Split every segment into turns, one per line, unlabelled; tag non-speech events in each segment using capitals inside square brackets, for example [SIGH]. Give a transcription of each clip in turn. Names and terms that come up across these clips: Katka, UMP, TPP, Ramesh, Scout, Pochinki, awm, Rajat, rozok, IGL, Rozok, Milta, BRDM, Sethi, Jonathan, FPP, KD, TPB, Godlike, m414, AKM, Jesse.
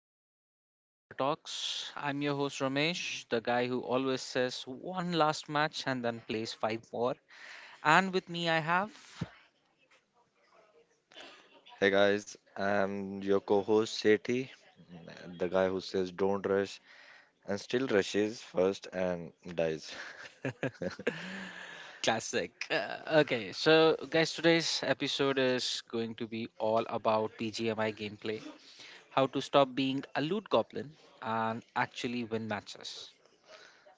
to the Chicken Dinner Talks. I'm your host, Ramesh, the guy who always says one last match and then plays five more. And with me, I have
Hey guys, I'm your co host Sethi, the guy who says don't rush and still rushes first and dies.
classic. Okay, so guys, today's episode is going to be all about BGMI gameplay, how to stop being a loot goblin and actually win matches.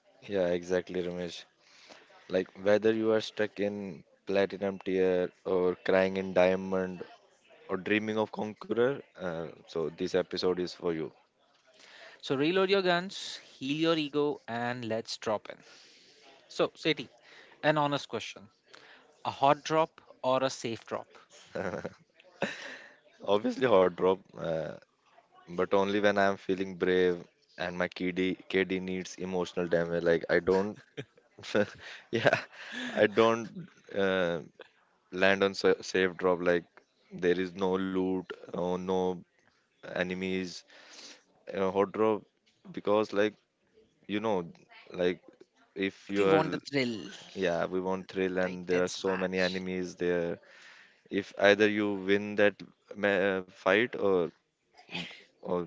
[LAUGHS] Yeah, exactly, Ramesh. Like whether you are stuck in platinum tier or crying in diamond or dreaming of conqueror, so this episode is for you.
So, reload your guns, heal your ego, and let's drop in. So, Seti, an honest question. A hot drop or a safe drop?
[LAUGHS] Obviously, hot drop, but only when I am feeling brave and my KD needs emotional damage. Like, I don't, [LAUGHS] yeah, I don't. Uh, Land on safe drop, like there is no loot or no enemies. Hot drop, because like you know like if yeah, we want thrill
The
and there are
intense
so many
match.
enemies there. If either you win that ma- fight, or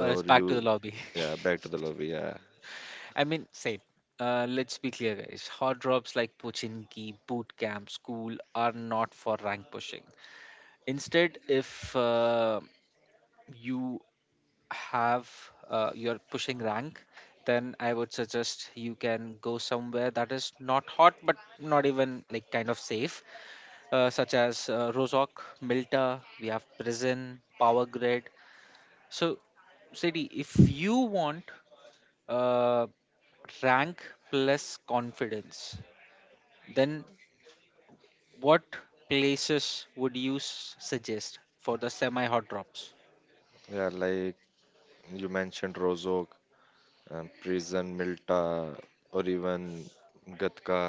Or it's back to the
you,
lobby.
yeah, back to the lobby, yeah.
[LAUGHS] I mean, same. Let's be clear, guys. Hot drops like Pochinki, boot camp, school are not for rank pushing. Instead, if you have you're pushing rank, then I would suggest you can go somewhere that is not hot, but not even like kind of safe, such as Rozok, Milta. We have prison, power grid. So Sadie, if you want uh, rank plus confidence, then what places would you suggest for the semi hot drops?
Yeah, like you mentioned Rozok, prison, Milta, or even Gatka.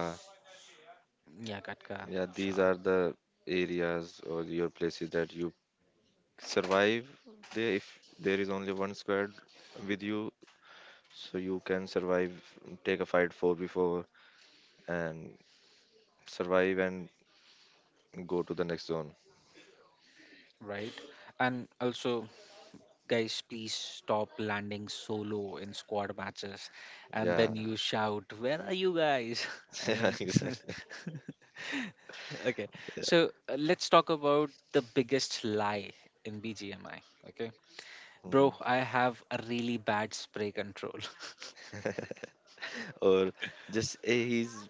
Yeah, Katka,
Yeah, these
sure,
are the areas or your places that you survive there if there is only one squad with you, so you can survive, take a fight 4 before and survive and go to the next zone.
right. And also, guys, please stop landing solo in squad matches and
Yeah,
then you shout, where are you guys? [LAUGHS]
[LAUGHS]
I
yeah,
mean, [LAUGHS]
exactly.
okay,
Yeah.
so let's talk about the biggest lie in BGMI.
Hmm.
Bro, I have a really bad spray control.
[LAUGHS] Or just he's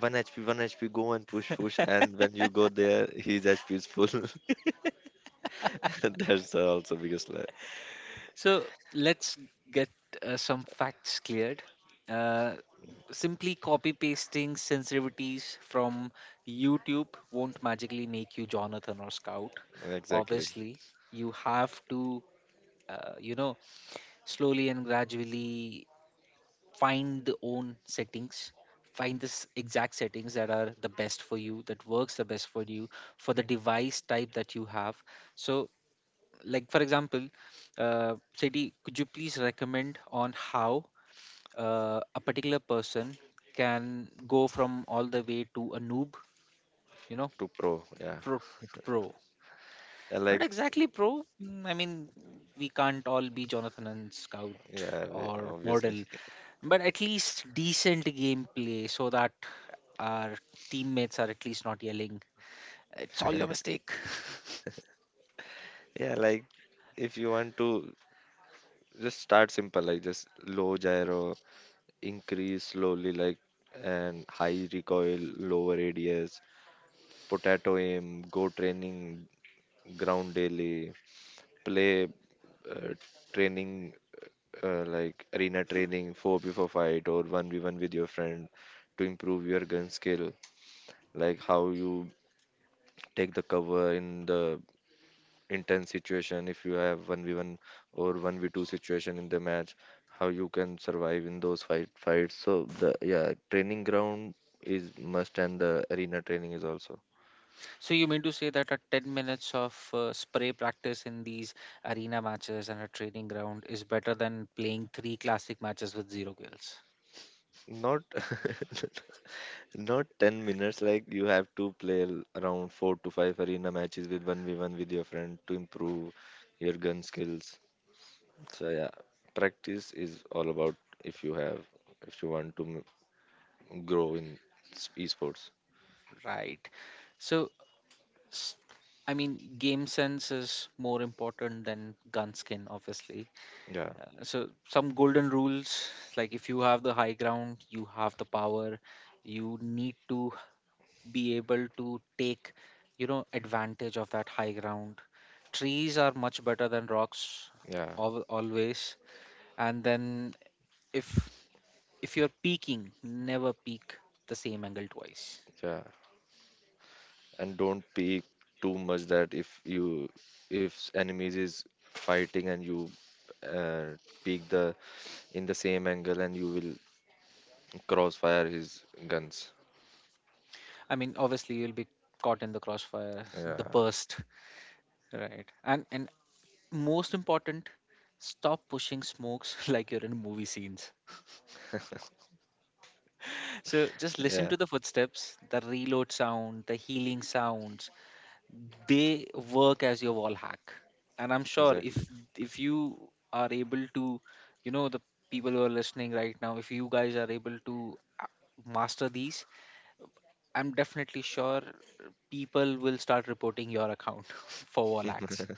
one HP, one HP, go and push, push, and when you go there, his HP is full. [LAUGHS] That's also biggest lie.
[LAUGHS] So let's get some facts cleared. Uh, Simply copy pasting sensitivities from YouTube won't magically make you Jonathan or Scout.
Exactly.
Obviously, you have to, you know, slowly and gradually find the own settings find this exact settings that are the best for you, that works the best for you, for the device type that you have. So, like for example, Seti, could you please recommend on how a particular person can go from all the way to a noob, you know,
To pro, yeah.
pro to pro?
I
Not
like.
exactly pro, I mean, we can't all be Jonathan and Scout
Yeah,
or
obviously.
model,
[LAUGHS]
but at least decent gameplay so that our teammates are at least not yelling it's all your mistake. [LAUGHS]
Yeah, like if you want to just start simple, like just low gyro, increase slowly, like, and high recoil, lower ADS, potato aim, go training, ground daily, play uh, training, like arena training, 4 before fight or 1v1 with your friend to improve your gun skill, like how you take the cover in the intense situation if you have 1v1 or 1v2 situation in the match, how you can survive in those fights. So the, yeah, training ground is must and the arena training is also.
So you mean to say that a 10 minutes of spray practice in these arena matches and a training ground is better than playing three classic matches with zero kills,
Not [LAUGHS] not 10 minutes, like you have to play around 4 to 5 arena matches with 1v1 with your friend to improve your gun skills. So yeah, practice is all about, if you have, if you want to grow in esports.
right? So s- I mean, game sense is more important than gun skin, obviously.
Yeah.
So some golden rules, like if you have the high ground, you have the power, you need to be able to take, you know, advantage of that high ground. Trees are much better than rocks
Yeah.
always. And then if if you're peaking, never peak the same angle twice.
Yeah, and don't peek too much, that if you, if enemies is fighting and you uh, peek the in the same angle and you will crossfire his guns.
I mean, obviously you'll be caught in the crossfire, [LAUGHS] the
Yeah,
burst, right? And most important, stop pushing smokes [LAUGHS] like you're in movie scenes.
[LAUGHS]
So just listen
yeah,
to the footsteps, the reload sound, the healing sounds, they work as your wall hack. And I'm sure if
exactly.
you are able to, you know, the people who are listening right now, if you guys are able to uh, master these, I'm definitely sure people will start reporting your account [LAUGHS] for wall hacks,
[LAUGHS]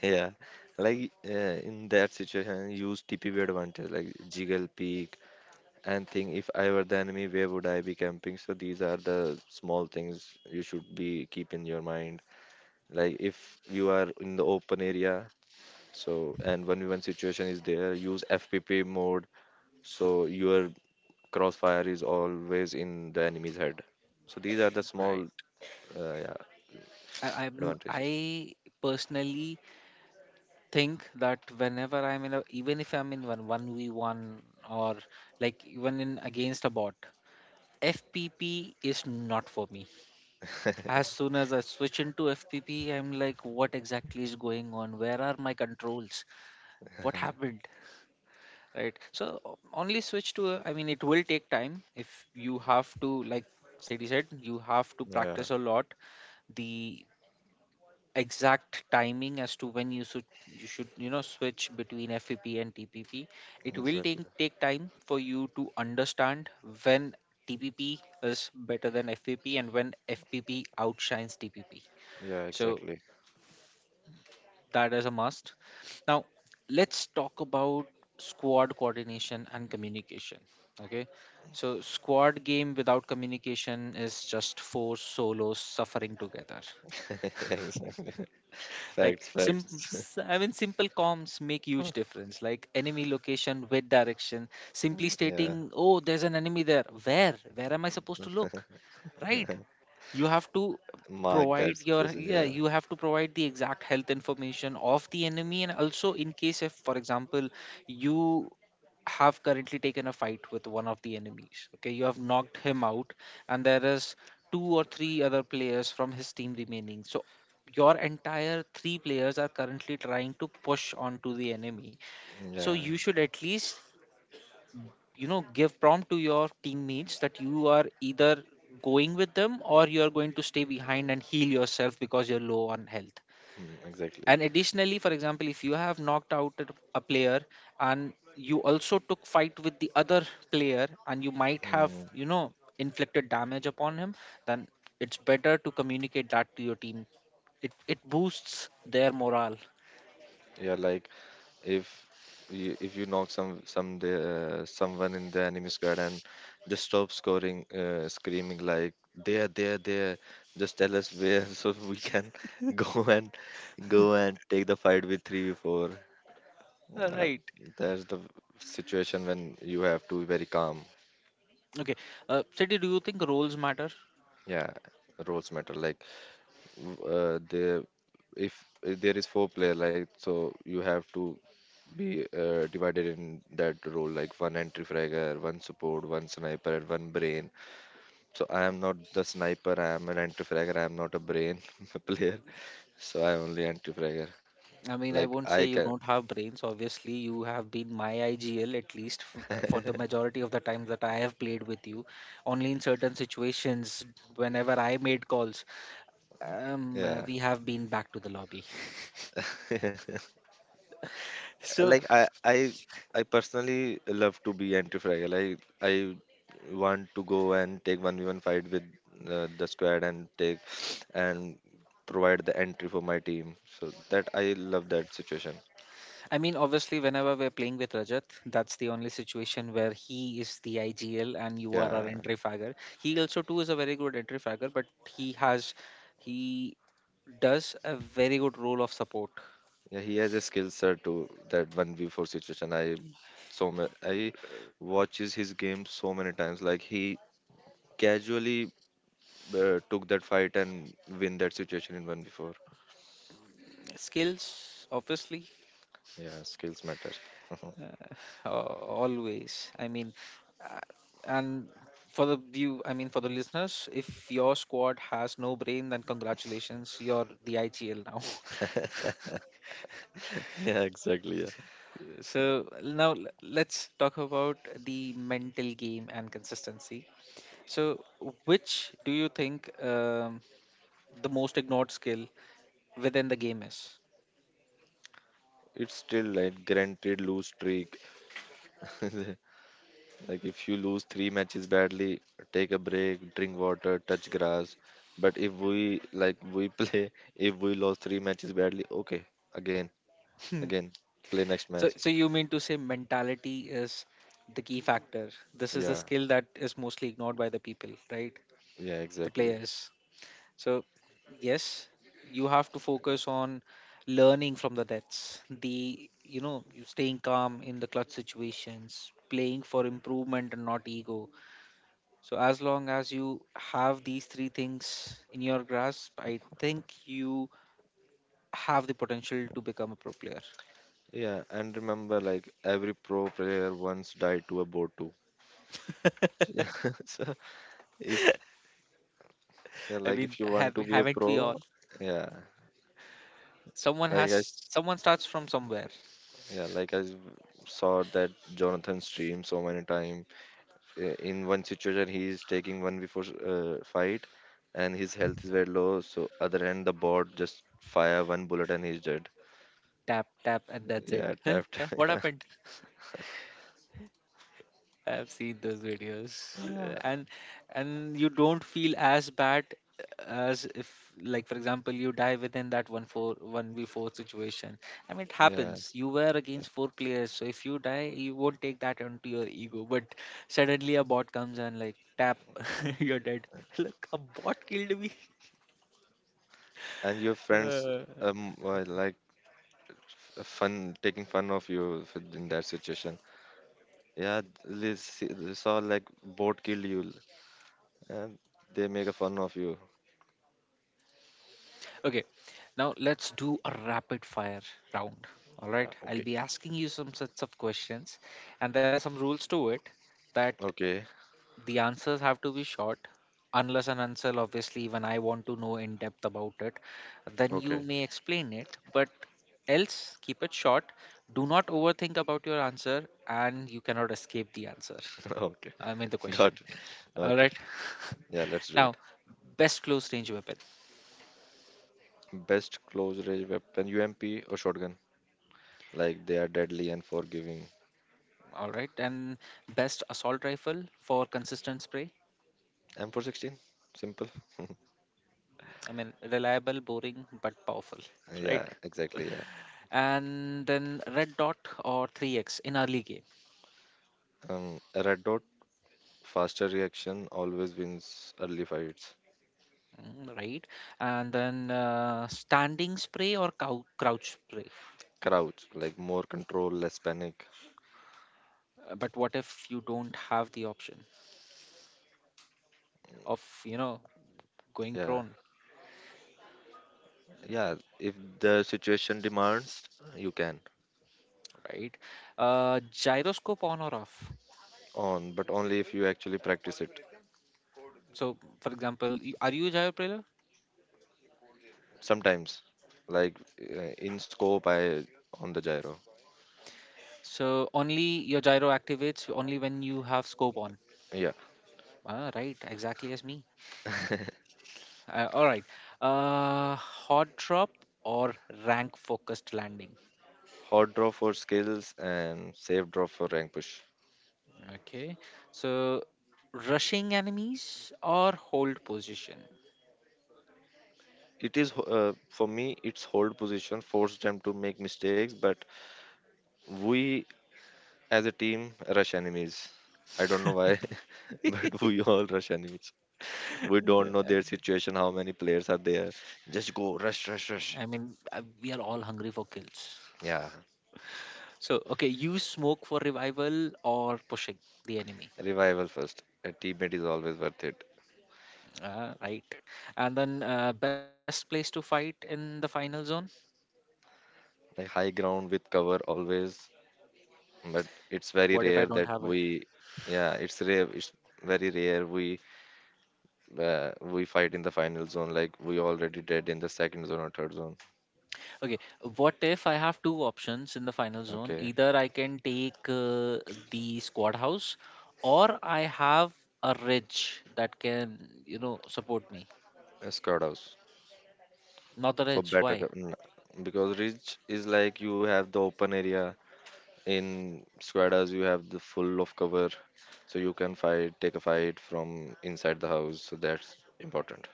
Yeah, like in that situation, use TPB advantage like jiggle peek and think, if I were the enemy, where would I be camping? So these are the small things you should be keep in your mind. Like if you are in the open area, so, and 1v1 situation is there, use FPP mode so your crossfire is always in the enemy's head. So, these are the small
right?
yeah,
I, i'm
advantages.
i personally think that whenever I'm in a, even if I'm in one 1v1 or like even in against a bot, FPP is not for me.
[LAUGHS]
As soon as I switch into FPP, I'm like, what exactly is going on? Where are my controls? What happened? Right. So only switch to, I mean, it will take time if you have to, like Sadie said, you have to
Yeah,
practice a lot. The exact timing as to when you should you should, you know, switch between FPP and TPP. It will
exactly.
take time for you to understand when TPP is better than FPP and when FPP outshines TPP.
Yeah,
So
exactly.
that is a must. Now, let's talk about squad coordination and communication. Okay. So, squad game without communication is just four solos suffering together.
[LAUGHS] Exactly.
[LAUGHS] Like
Facts, facts.
I mean, simple comms make huge
[LAUGHS]
difference, like enemy location with direction. Simply
Yeah,
stating, oh, there's an enemy there, where am I supposed to look, right? you have to
mark that
provide your
situation.
Yeah,
Yeah,
you have to provide the exact health information of the enemy. And also, in case if for example you have currently taken a fight with one of the enemies, okay, you have knocked him out, and there is two or three other players from his team remaining, so your entire three players are currently trying to push onto the enemy, so
yeah,
you should at least, you know, give prompt to your teammates that you are either going with them or you are going to stay behind and heal yourself because you're low on health.
mm, exactly.
And additionally, for example, if you have knocked out a player and you also took fight with the other player, and you might have,
Mm,
you know, inflicted damage upon him, then it's better to communicate that to your team. It boosts their morale.
yeah, like if you, if you knock some the, someone in the enemy squad and just stop scoring, screaming like there, just tell us where. [LAUGHS] So we can go and go and take the fight with 3v4. uh,
Right.
there's the situation when you have to be very calm.
Okay, Siddhi, do you think roles matter?
Yeah, roles matter. Like the, if there is four player, like so you have to be divided in that role, like one entry fragger, one support, one sniper, and one brain. So I am not the sniper, I am an entry fragger, I am not a brain [LAUGHS] player. So I only entry fragger.
I mean, I
Like
won't
I
say you
can.
don't have brains. Obviously, you have been my IGL at least for the
[LAUGHS]
majority of the time that I have played with you. Only in certain situations, whenever I made calls,
Yeah.
we have been back to the lobby. [LAUGHS]
[LAUGHS]
So,
Like i I personally love to be entry fragger. Like I want to go and take 1v1 fight with the squad and take and provide the entry for my team, so that I love that situation.
I mean, obviously, whenever we're playing with Rajat, that's the only situation where he is the IGL and you are our
Yeah.
entry fagger. He also too is a very good entry fagger, but he has, he does a very good role of support.
Yeah, he has a skill set to that one v four situation. I watches his game so many times. Like he casually took that fight and win that situation in one v four.
Skills, obviously.
Yeah, skills matter. [LAUGHS]
Always. I mean, uh, and for the view, I mean, for the listeners, if your squad has no brain, then congratulations, you're the IGL now. [LAUGHS]
Yeah, exactly. Yeah,
So now let's talk about the mental game and consistency. So, which do you think the most ignored skill within the game is?
it's still like granted lose streak. [LAUGHS] Like if you lose three matches badly, take a break, drink water, touch grass. But if we, like we play, [LAUGHS] if we lost three matches badly, okay, again again,
[LAUGHS]
play next
So,
match.
so you mean to say mentality is the key factor? This is a
Yeah,
skill that is mostly ignored by the people, right?
yeah,
The
exactly.
players. So, yes, you have to focus on learning from the deaths. The, you know, you staying calm in the clutch situations, playing for improvement and not ego. So, as long as you have these three things in your grasp, I think you have the potential to become a pro player.
Yeah, and remember, like every pro player once died to a boat too. [LAUGHS] Yeah, so if, yeah,
I
like
mean,
if you want
have
to be a
haven't we all?
pro, yeah,
Someone
like
has, someone starts from somewhere.
yeah, like saw that Jonathan stream so many time. In one situation, he is taking one before fight, and his health is very low. So other hand, the bot just fire one bullet and he's dead.
Tap tap and that's
Yeah,
it.
tapped.
[LAUGHS] What
[LAUGHS]
happened? I've seen those videos. Uh,
Yeah,
and and you don't feel as bad as if, like for example, you die within that one four one v four situation. I mean, it
yeah, yeah.
happens. You were against four players, so if you die, you won't take that onto your ego. But suddenly a bot comes and like tap, [LAUGHS] you're dead. Look, a bot killed me.
And your
[LAUGHS]
friends,
Uh,
um were like fun, taking fun of you in that situation, yeah. They they saw like boat kill you and they make a fun of you.
Okay, now let's do a rapid fire round. All
Yeah,
right,
okay.
I'll be asking you some sets of questions, and there are some rules to it, that
Okay.
the answers have to be short, unless and until obviously when I want to know in depth about it, then you
Okay.
may explain it. But else, keep it short. Do not overthink about your answer, and you cannot escape the answer.
[LAUGHS] Okay,
I mean the question.
got it.
All
Okay,
right.
yeah,
[LAUGHS]
let's do
Now, best close range weapon.
it. Best close range weapon UMP or shotgun, like they are deadly and forgiving.
All right, and best assault rifle for consistent spray.
M416, simple.
I mean, reliable, boring, but powerful,
[LAUGHS] Yeah,
right?
exactly, yeah.
And then red dot or 3x in early game?
um a red dot, faster reaction always wins early fights.
Mm, right? And then standing spray or crouch spray.
Crouch, like more control, less panic.
But what if you don't have the option of, you know, going
Yeah,
prone,
yeah. If the situation demands, you can.
right? Gyroscope on or off.
On, but only if you actually practice it.
So, for example, are you a gyro player?
Sometimes, like in scope, I on the gyro.
So only your gyro activates only when you have scope on?
Yeah.
Ah, right, exactly as me.
[LAUGHS]
All right. Hot drop or rank focused landing.
Hot draw for skills and safe draw for rank push.
Okay. So, rushing enemies or hold position.
It is for me, it's hold position, forced them to make mistakes, but we as a team rush enemies. I don't know why, [LAUGHS] but we all rush enemies. We don't know their situation, how many players are there. Just go, rush, rush, rush.
I mean, we are all hungry for kills.
Yeah,
So, okay, use smoke for revival or pushing the enemy.
revival first. A teammate is always worth it.
Ah, right. And then, best place to fight in the final zone?
Like high ground with cover always, but it's very
What if I
rare
don't
that
have it?
we, yeah, it's rare. It's very rare we fight in the final zone. Like we already did in the second zone or third zone.
Okay, what if I have two options in the final zone?
Okay,
Either I can take the squad house or I have a ridge that can, you know, support me.
a squad house
Not the
for
ridge,
better
why?
because ridge is like you have the open area, in squadas you have the full of cover, so you can fight, take a fight from inside the house, so that's important.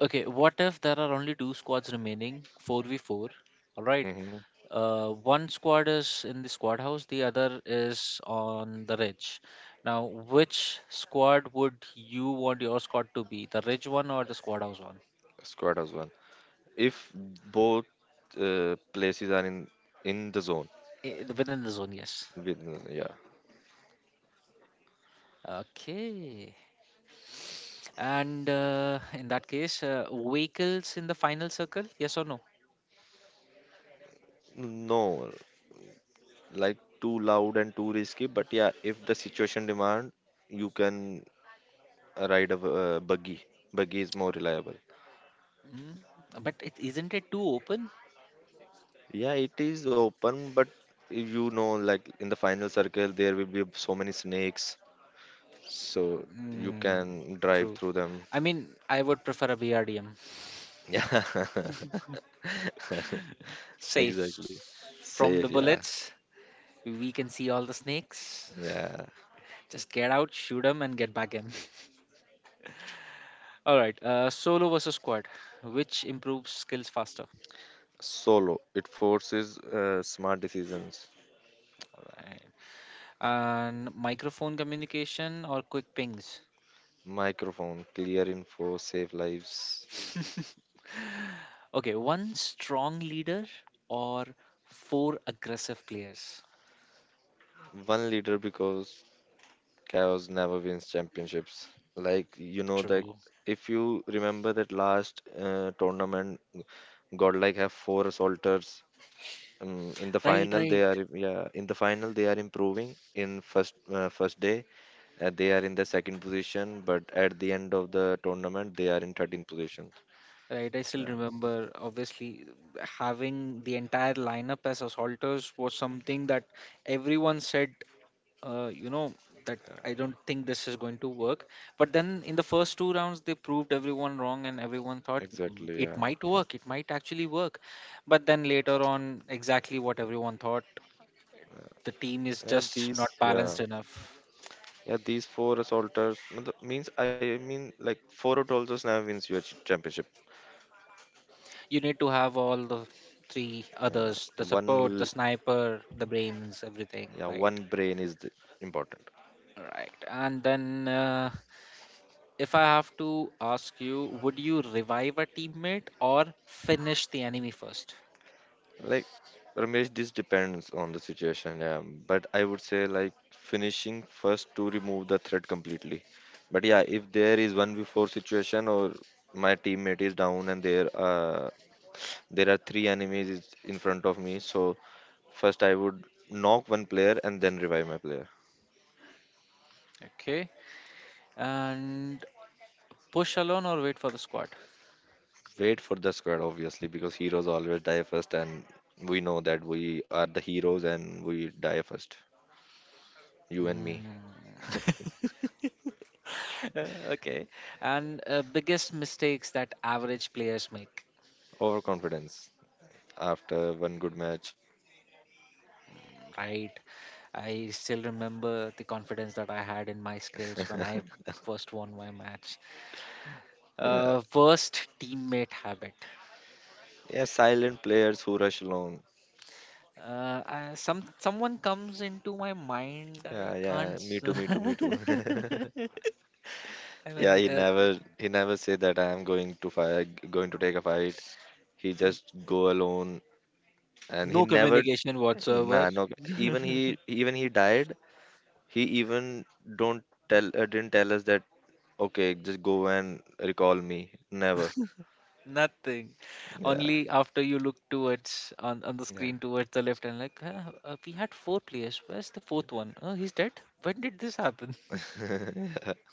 Okay, what if there are only two squads remaining, 4v4? All right.
Hmm.
One squad is in the squad house, the other is on the ridge. Now, which squad would you want your squad to be? The ridge one or the squad house one?
Squadas one, if both places are in the zone.
Eh, within the zone, yes.
With, yeah.
Okay. And in that case, vehicles in the final circle, yes or no?
No, like too loud and too risky, but yeah, if the situation demand, you can ride a buggy. Buggy is more reliable.
Mm. But it, isn't it too open?
Yeah, it is open, but if you know, like in the final circle there will be so many snakes, so you
Mm,
can drive
true.
through them. [LAUGHS]
I mean, I would prefer a BRDM.
Yeah, [LAUGHS]
Safe.
exactly.
From
Safe,
the
yeah,
bullets, we can see all the snakes.
yeah.
[LAUGHS] Just get out, shoot them, and get back in. [LAUGHS] All right, solo versus squad, which improves skills faster?
Solo, it forces smart decisions.
Right. And microphone communication or quick pings?
Microphone, clear info, save lives.
[LAUGHS] Okay, one strong leader or four aggressive players?
One leader, because chaos never wins championships. Like you know that,
True.
if you remember that last tournament, Godlike have four assaulters. In the
Right,
final, they
right.
are, yeah. In the final, they are improving. In first first day, they are in the second position, but at the end of the tournament, they are in 13th position.
Right, I still
Yeah,
remember obviously having the entire lineup as assaulters was something that everyone said, uh, you know, that I don't think this is going to work. But then in the first two rounds, they proved everyone wrong and everyone thought, "Mm,
exactly.
it
Yeah,
might work, it might actually work." But then later on, exactly what everyone thought, the team is
and
just
these
not
yeah,
balanced enough.
yeah, these four assaulters means, I mean, like four assaulters now wins your championship.
You need to have all the three
Yeah,
others, the support, the sniper, the brains, everything,
yeah,
right?
one brain is the, important.
Right. And then, if I have to ask you, would you revive a teammate or finish the enemy first?
Like Ramesh, this depends on the situation, yeah. But I would say like finishing first to remove the threat completely. But yeah, if there is one before situation, or my teammate is down and there are three enemies is in front of me, so first I would knock one player and then revive my player.
Okay. And push alone or wait for the squad?
Wait for the squad obviously, because heroes always die first, and we know that we are the heroes and we die first. You and me.
Mm. [LAUGHS] Okay. And biggest mistakes that average players make,
[LAUGHS] Overconfidence after one good match.
right? I still remember the confidence that I had in my skills when I
[LAUGHS]
first won my match.
Yeah,
Worst teammate habit.
yeah, silent players who rush along.
I, some someone comes into my mind.
Yeah,
I
yeah,
can't.
me too, me too, me
[LAUGHS]
too. [LAUGHS]
I
Yeah,
mean,
he never, he never say that I am going to fight, going to take a fight. He just go alone, and he
no
never.
communication
Nah,
whatsoever.
no,
[LAUGHS]
even he died. He even don't tell, didn't tell us that okay, just go and recall me. Never.
Nothing.
Yeah,
Only after you look towards on the
yeah.
screen towards the left and like, huh, we had four players. Where's the fourth one? Oh, he's dead. When did this happen? [LAUGHS]
[LAUGHS]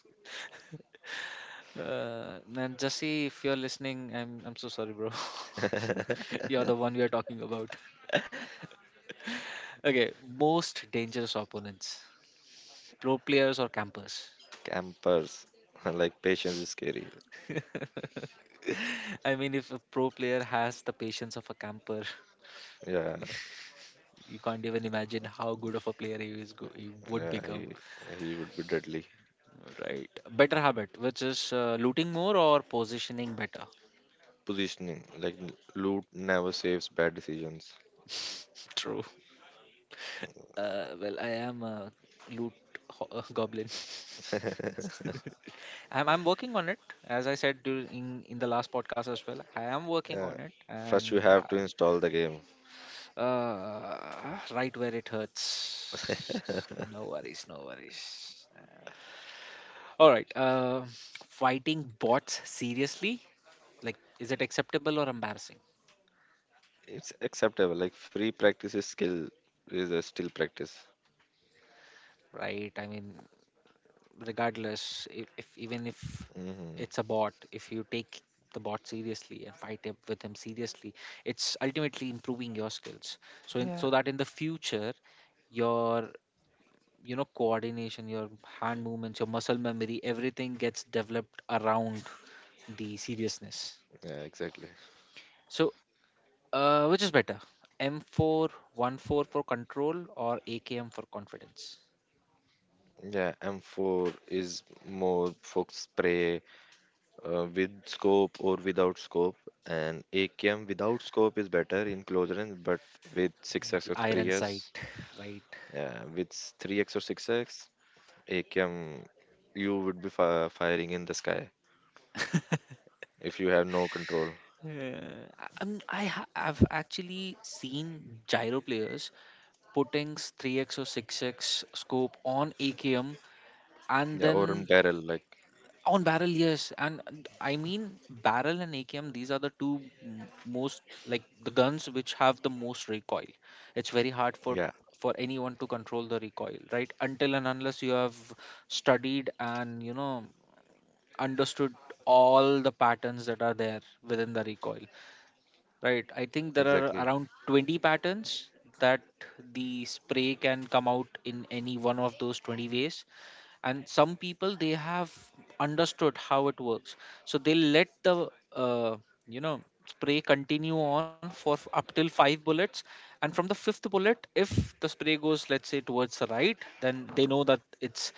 And Jesse, if you're listening, I'm so sorry, bro. [LAUGHS] You're the one we are talking about. Okay, most dangerous opponents, pro players or campers?
Campers, [LAUGHS] like patience is scary.
[LAUGHS] I mean, if a pro player has the patience of a camper,
Yeah.
[LAUGHS] you can't even imagine how good of a player he is. He would
Yeah,
become.
he would be deadly.
Right. Better habit, which is looting more or positioning better?
Positioning, like loot never saves bad decisions.
[LAUGHS] True. Well, I am a loot [LAUGHS] goblin. [LAUGHS]
[LAUGHS]
I'm working on it. As I said during in, the last podcast as well, I am working
Yeah.
on it,
First you
and
have to
I,
install the game.
right where it hurts.
[LAUGHS]
No worries, no worries. All right. Fighting bots seriously? Like, is it acceptable or embarrassing?
It's acceptable. Like free practice is a still practice.
Right. I mean, regardless if even if
Hmm.
it's a bot, if you take the bot seriously and fight him with him seriously, it's ultimately improving your skills,
Yeah.
so that in the future your coordination, your hand movements, your muscle memory, everything gets developed around the seriousness.
Yeah, exactly.
So, which is better, M414 for control or AKM for confidence?
Yeah, M4 is more focus spray, with scope or without scope, and AKM without scope is better in close range, but with 6x
The
or
iron sight.
3x,
[LAUGHS] Right.
yeah, with 3x or 6x, AKM, you would be fi firing in the sky if you have no control.
I've actually seen gyro players putting 3x or 6x scope on AKM and
Yeah, or in
then
barrel, like,
on barrel, yes. And I mean, barrel and AKM, these are the two most like the guns which have the most recoil. It's very hard for
yeah,
for anyone to control the recoil, right? Until and unless you have studied and understood all the patterns that are there within the recoil. Right. I think there are
exactly.
around 20 patterns that the spray can come out in any one of those 20 ways, and some people they have understood how it works, so they let the uh, you know spray continue on for up till five bullets, and from the fifth bullet, if the spray goes, let's say, towards the right, then they know that it's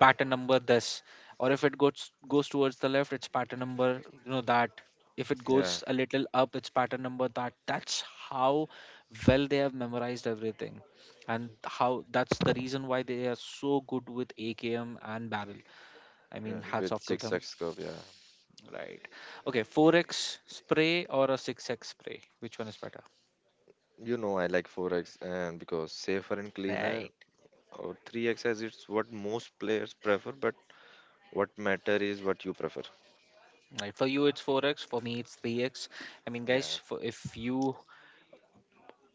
pattern number this. Or if it goes towards the left, it's pattern number that. If it goes
Yeah,
a little up, it's pattern number that. That's how well they have memorized everything, and how that's the reason why they are so good with AKM and barrel. I mean,
yeah,
hats
with
off to them.
6x scope, yeah.
Right. Okay, 4x spray or a 6x spray? Which one is better?
You know, I like 4x, and because safer and cleaner,
Right.
or 3x, as it's what most players prefer, but what matter is what you prefer.
Right. For you, it's 4x. For me, it's 3x. I mean, guys,
Yeah,
if you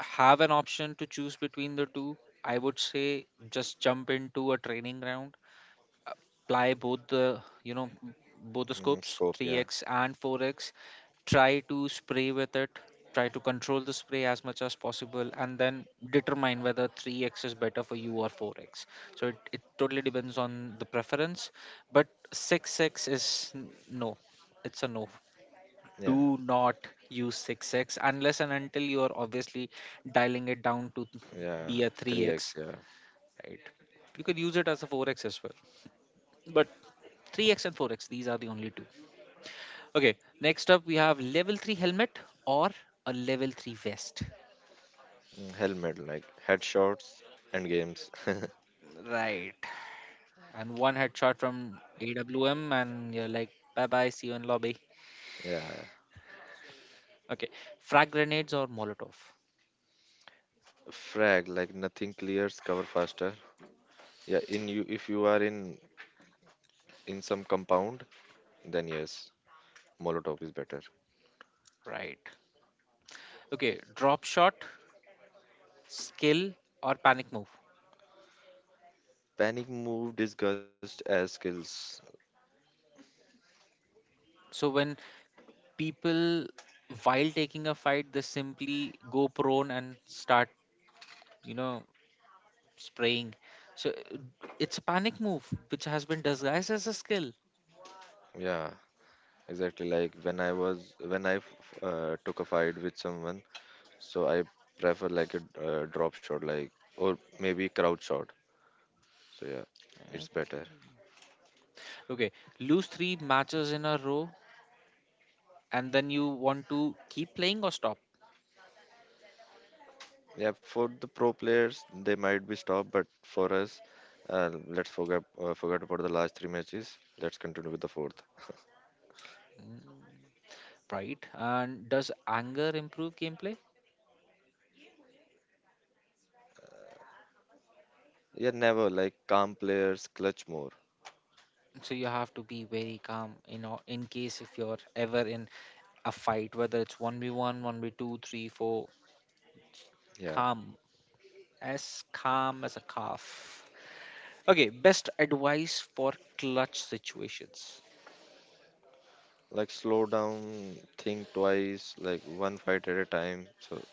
have an option to choose between the two, I would say just jump into a training round, apply both the
mm,
scopes,
scope, yeah,
3x and 4x, try to spray with it, try to control the spray as much as possible, and then determine whether 3x is better for you or 4x. So it totally depends on the preference, but 6x is no, it's a no.
yeah,
Do not use 6x unless and until you are obviously dialing it down to [LAUGHS]
yeah,
be a
3x,
3x,
yeah.
right? You could use it as a 4x as well, but 3x and 4x, these are the only two. Okay, next up we have level 3 helmet or a level 3 vest,
Mm, helmet, like headshots, end games. [LAUGHS]
right? And one headshot from AWM and you're like, bye bye, see you in lobby.
Yeah,
Okay, frag grenades or molotov?
frag, like nothing clears cover faster. Yeah, in, you if you are in some compound, then yes, Molotov is better.
Right. Okay, drop shot, skill or panic move?
Panic move disgust as skills.
So when people while taking a fight they simply go prone and start you know spraying. So, it's a panic move which has been disguised as a skill.
Yeah, exactly. Like when I was, when I took a fight with someone, so I prefer like a drop shot, like, or maybe crouch shot. So yeah, it's better.
Okay. Okay, lose three matches in a row and then you want to keep playing or stop?
Yeah, for the pro players, they might be stopped, but for us, let's forget about the last three matches. Let's continue with the fourth.
Mm. Right. And does anger improve gameplay?
Yeah, never, like calm players clutch more.
So you have to be very calm, in case if you're ever in a fight, whether it's 1v1, one v two, three, four,
Yeah,
calm, calm as a calf. Okay, best advice for clutch situations.
like slow down, think twice, like one fight at a time. So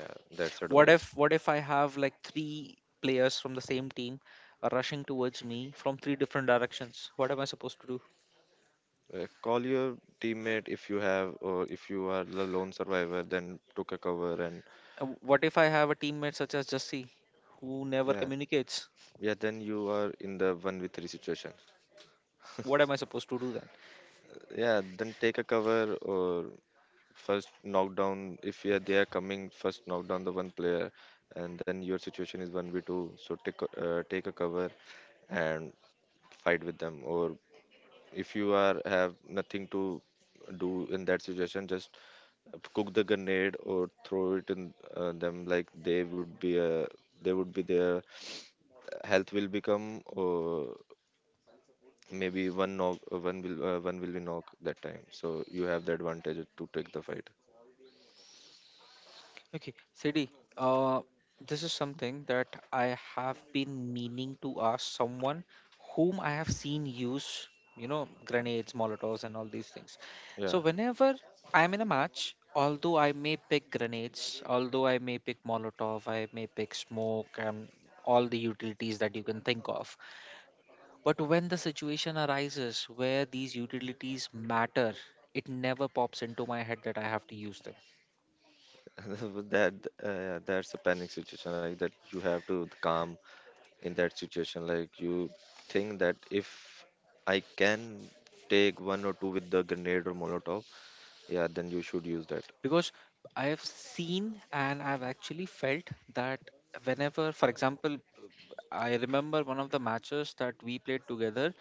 yeah, that's
what if
advice.
what if I have like three players from the same team are rushing towards me from three different directions? What am I supposed to do?
Call your teammate if you have, or if you are the lone survivor, then took a cover and,
What if I have a teammate such as Jesse who never
yeah,
communicates?
yeah, then you are in the one v three situation.
What am I supposed to do?
Yeah, then take a cover, or first knock down if, yeah, they are coming. First knock down the one player, and then your situation is one v two. So take a cover and fight with them, or if you are have nothing to do in that situation, just cook the grenade or throw it in them, like they would be their [SNIFFS] health will become, or maybe one knock, one will be knock that time, so you have the advantage to take the fight.
Okay, Sadie, uh, this is something that I have been meaning to ask someone whom I have seen use, grenades, molotovs, and all these things.
Yeah.
So, whenever I'm in a match, although I may pick grenades, although I may pick molotov, I may pick smoke, and all the utilities that you can think of, but when the situation arises where these utilities matter, it never pops into my head that I have to use them,
[LAUGHS] With that, that's a panic situation, like that you have to calm in that situation, like you think that if I can take one or two with the grenade or molotov. Yeah, then you should use that.
because I have seen and I've actually felt that whenever, for example, I remember one of the matches that we played together,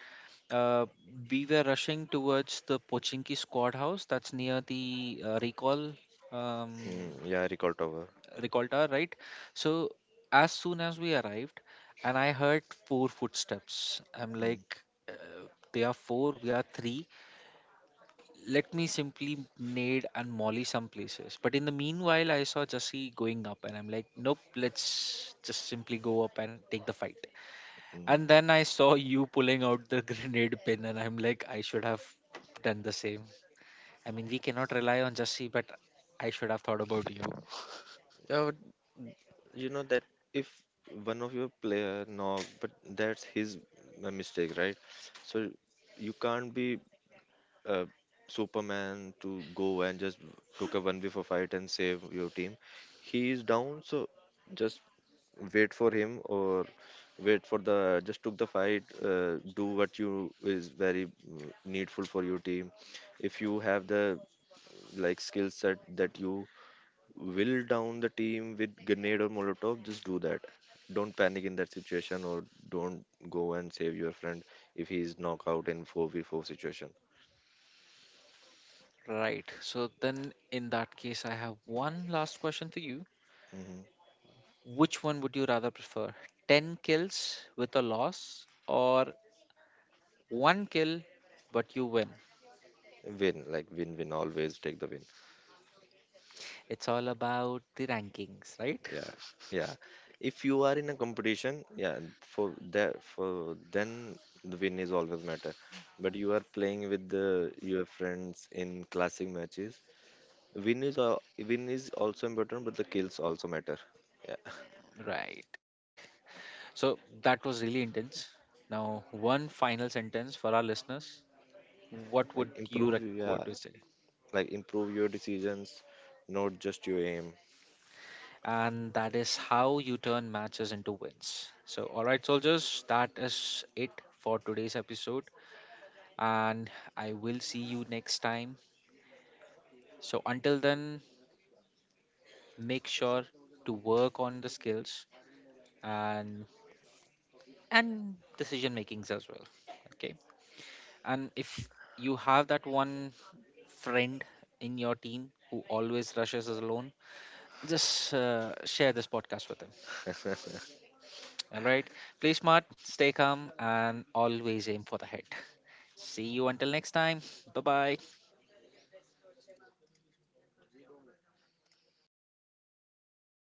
uh, we were rushing towards the Pochinki squad house that's near the um,
Mm, yeah, I recall tower.
recall tower, right? So as soon as we arrived, and I heard four footsteps, I'm
Mm,
like, uh, they are four, we are three, let me simply nade and molly some places. But in the meanwhile, I saw Jesse going up, and I'm like, nope, let's just simply go up and take the fight. And then
mm.
I saw [LAUGHS] you pulling out the [LAUGHS] grenade pin, and I'm like, I should have done the same. I mean, we cannot rely on Jesse, but I should have thought about you.
Yeah, but you know that if one of your player knock, but that's his mistake, right? So you can't be uh, Superman to go and just took a one v four fight and save your team. He is down, so just wait for him, or wait for the, just took the fight. Do what you is very mm, needful for your team, if you have the, like, skill set that you will down the team with grenade or molotov, just do that. Don't panic in that situation, or don't go and save your friend if he is knocked out in 4v4 situation.
Right. So then, in that case, I have one last question for you.
Hmm.
Which one would you rather prefer? 10 kills with a loss, or one kill but you win?
Win, like win, win always take the win.
It's all about the rankings, right?
Yeah, yeah. If you are in a competition, yeah, for that for, then the win is always matter. But you are playing with the your friends in classic matches, win is, win is also important, but the kills also matter. Yeah.
Right. So that was really intense. Now, one final sentence for our listeners.
Like
What would
improve,
you
yeah,
record to say?
like improve your decisions, not just your aim.
And that is how you turn matches into wins. So, all right, soldiers, that is it for today's episode. And I will see you next time. So, until then, make sure to work on the skills and and decision makings as well, okay. And if you have that one friend in your team who always rushes us alone, just share this podcast with him.
[LAUGHS]
All right. Play smart, stay calm, and always aim for the head. [LAUGHS] See you until next time. Bye bye.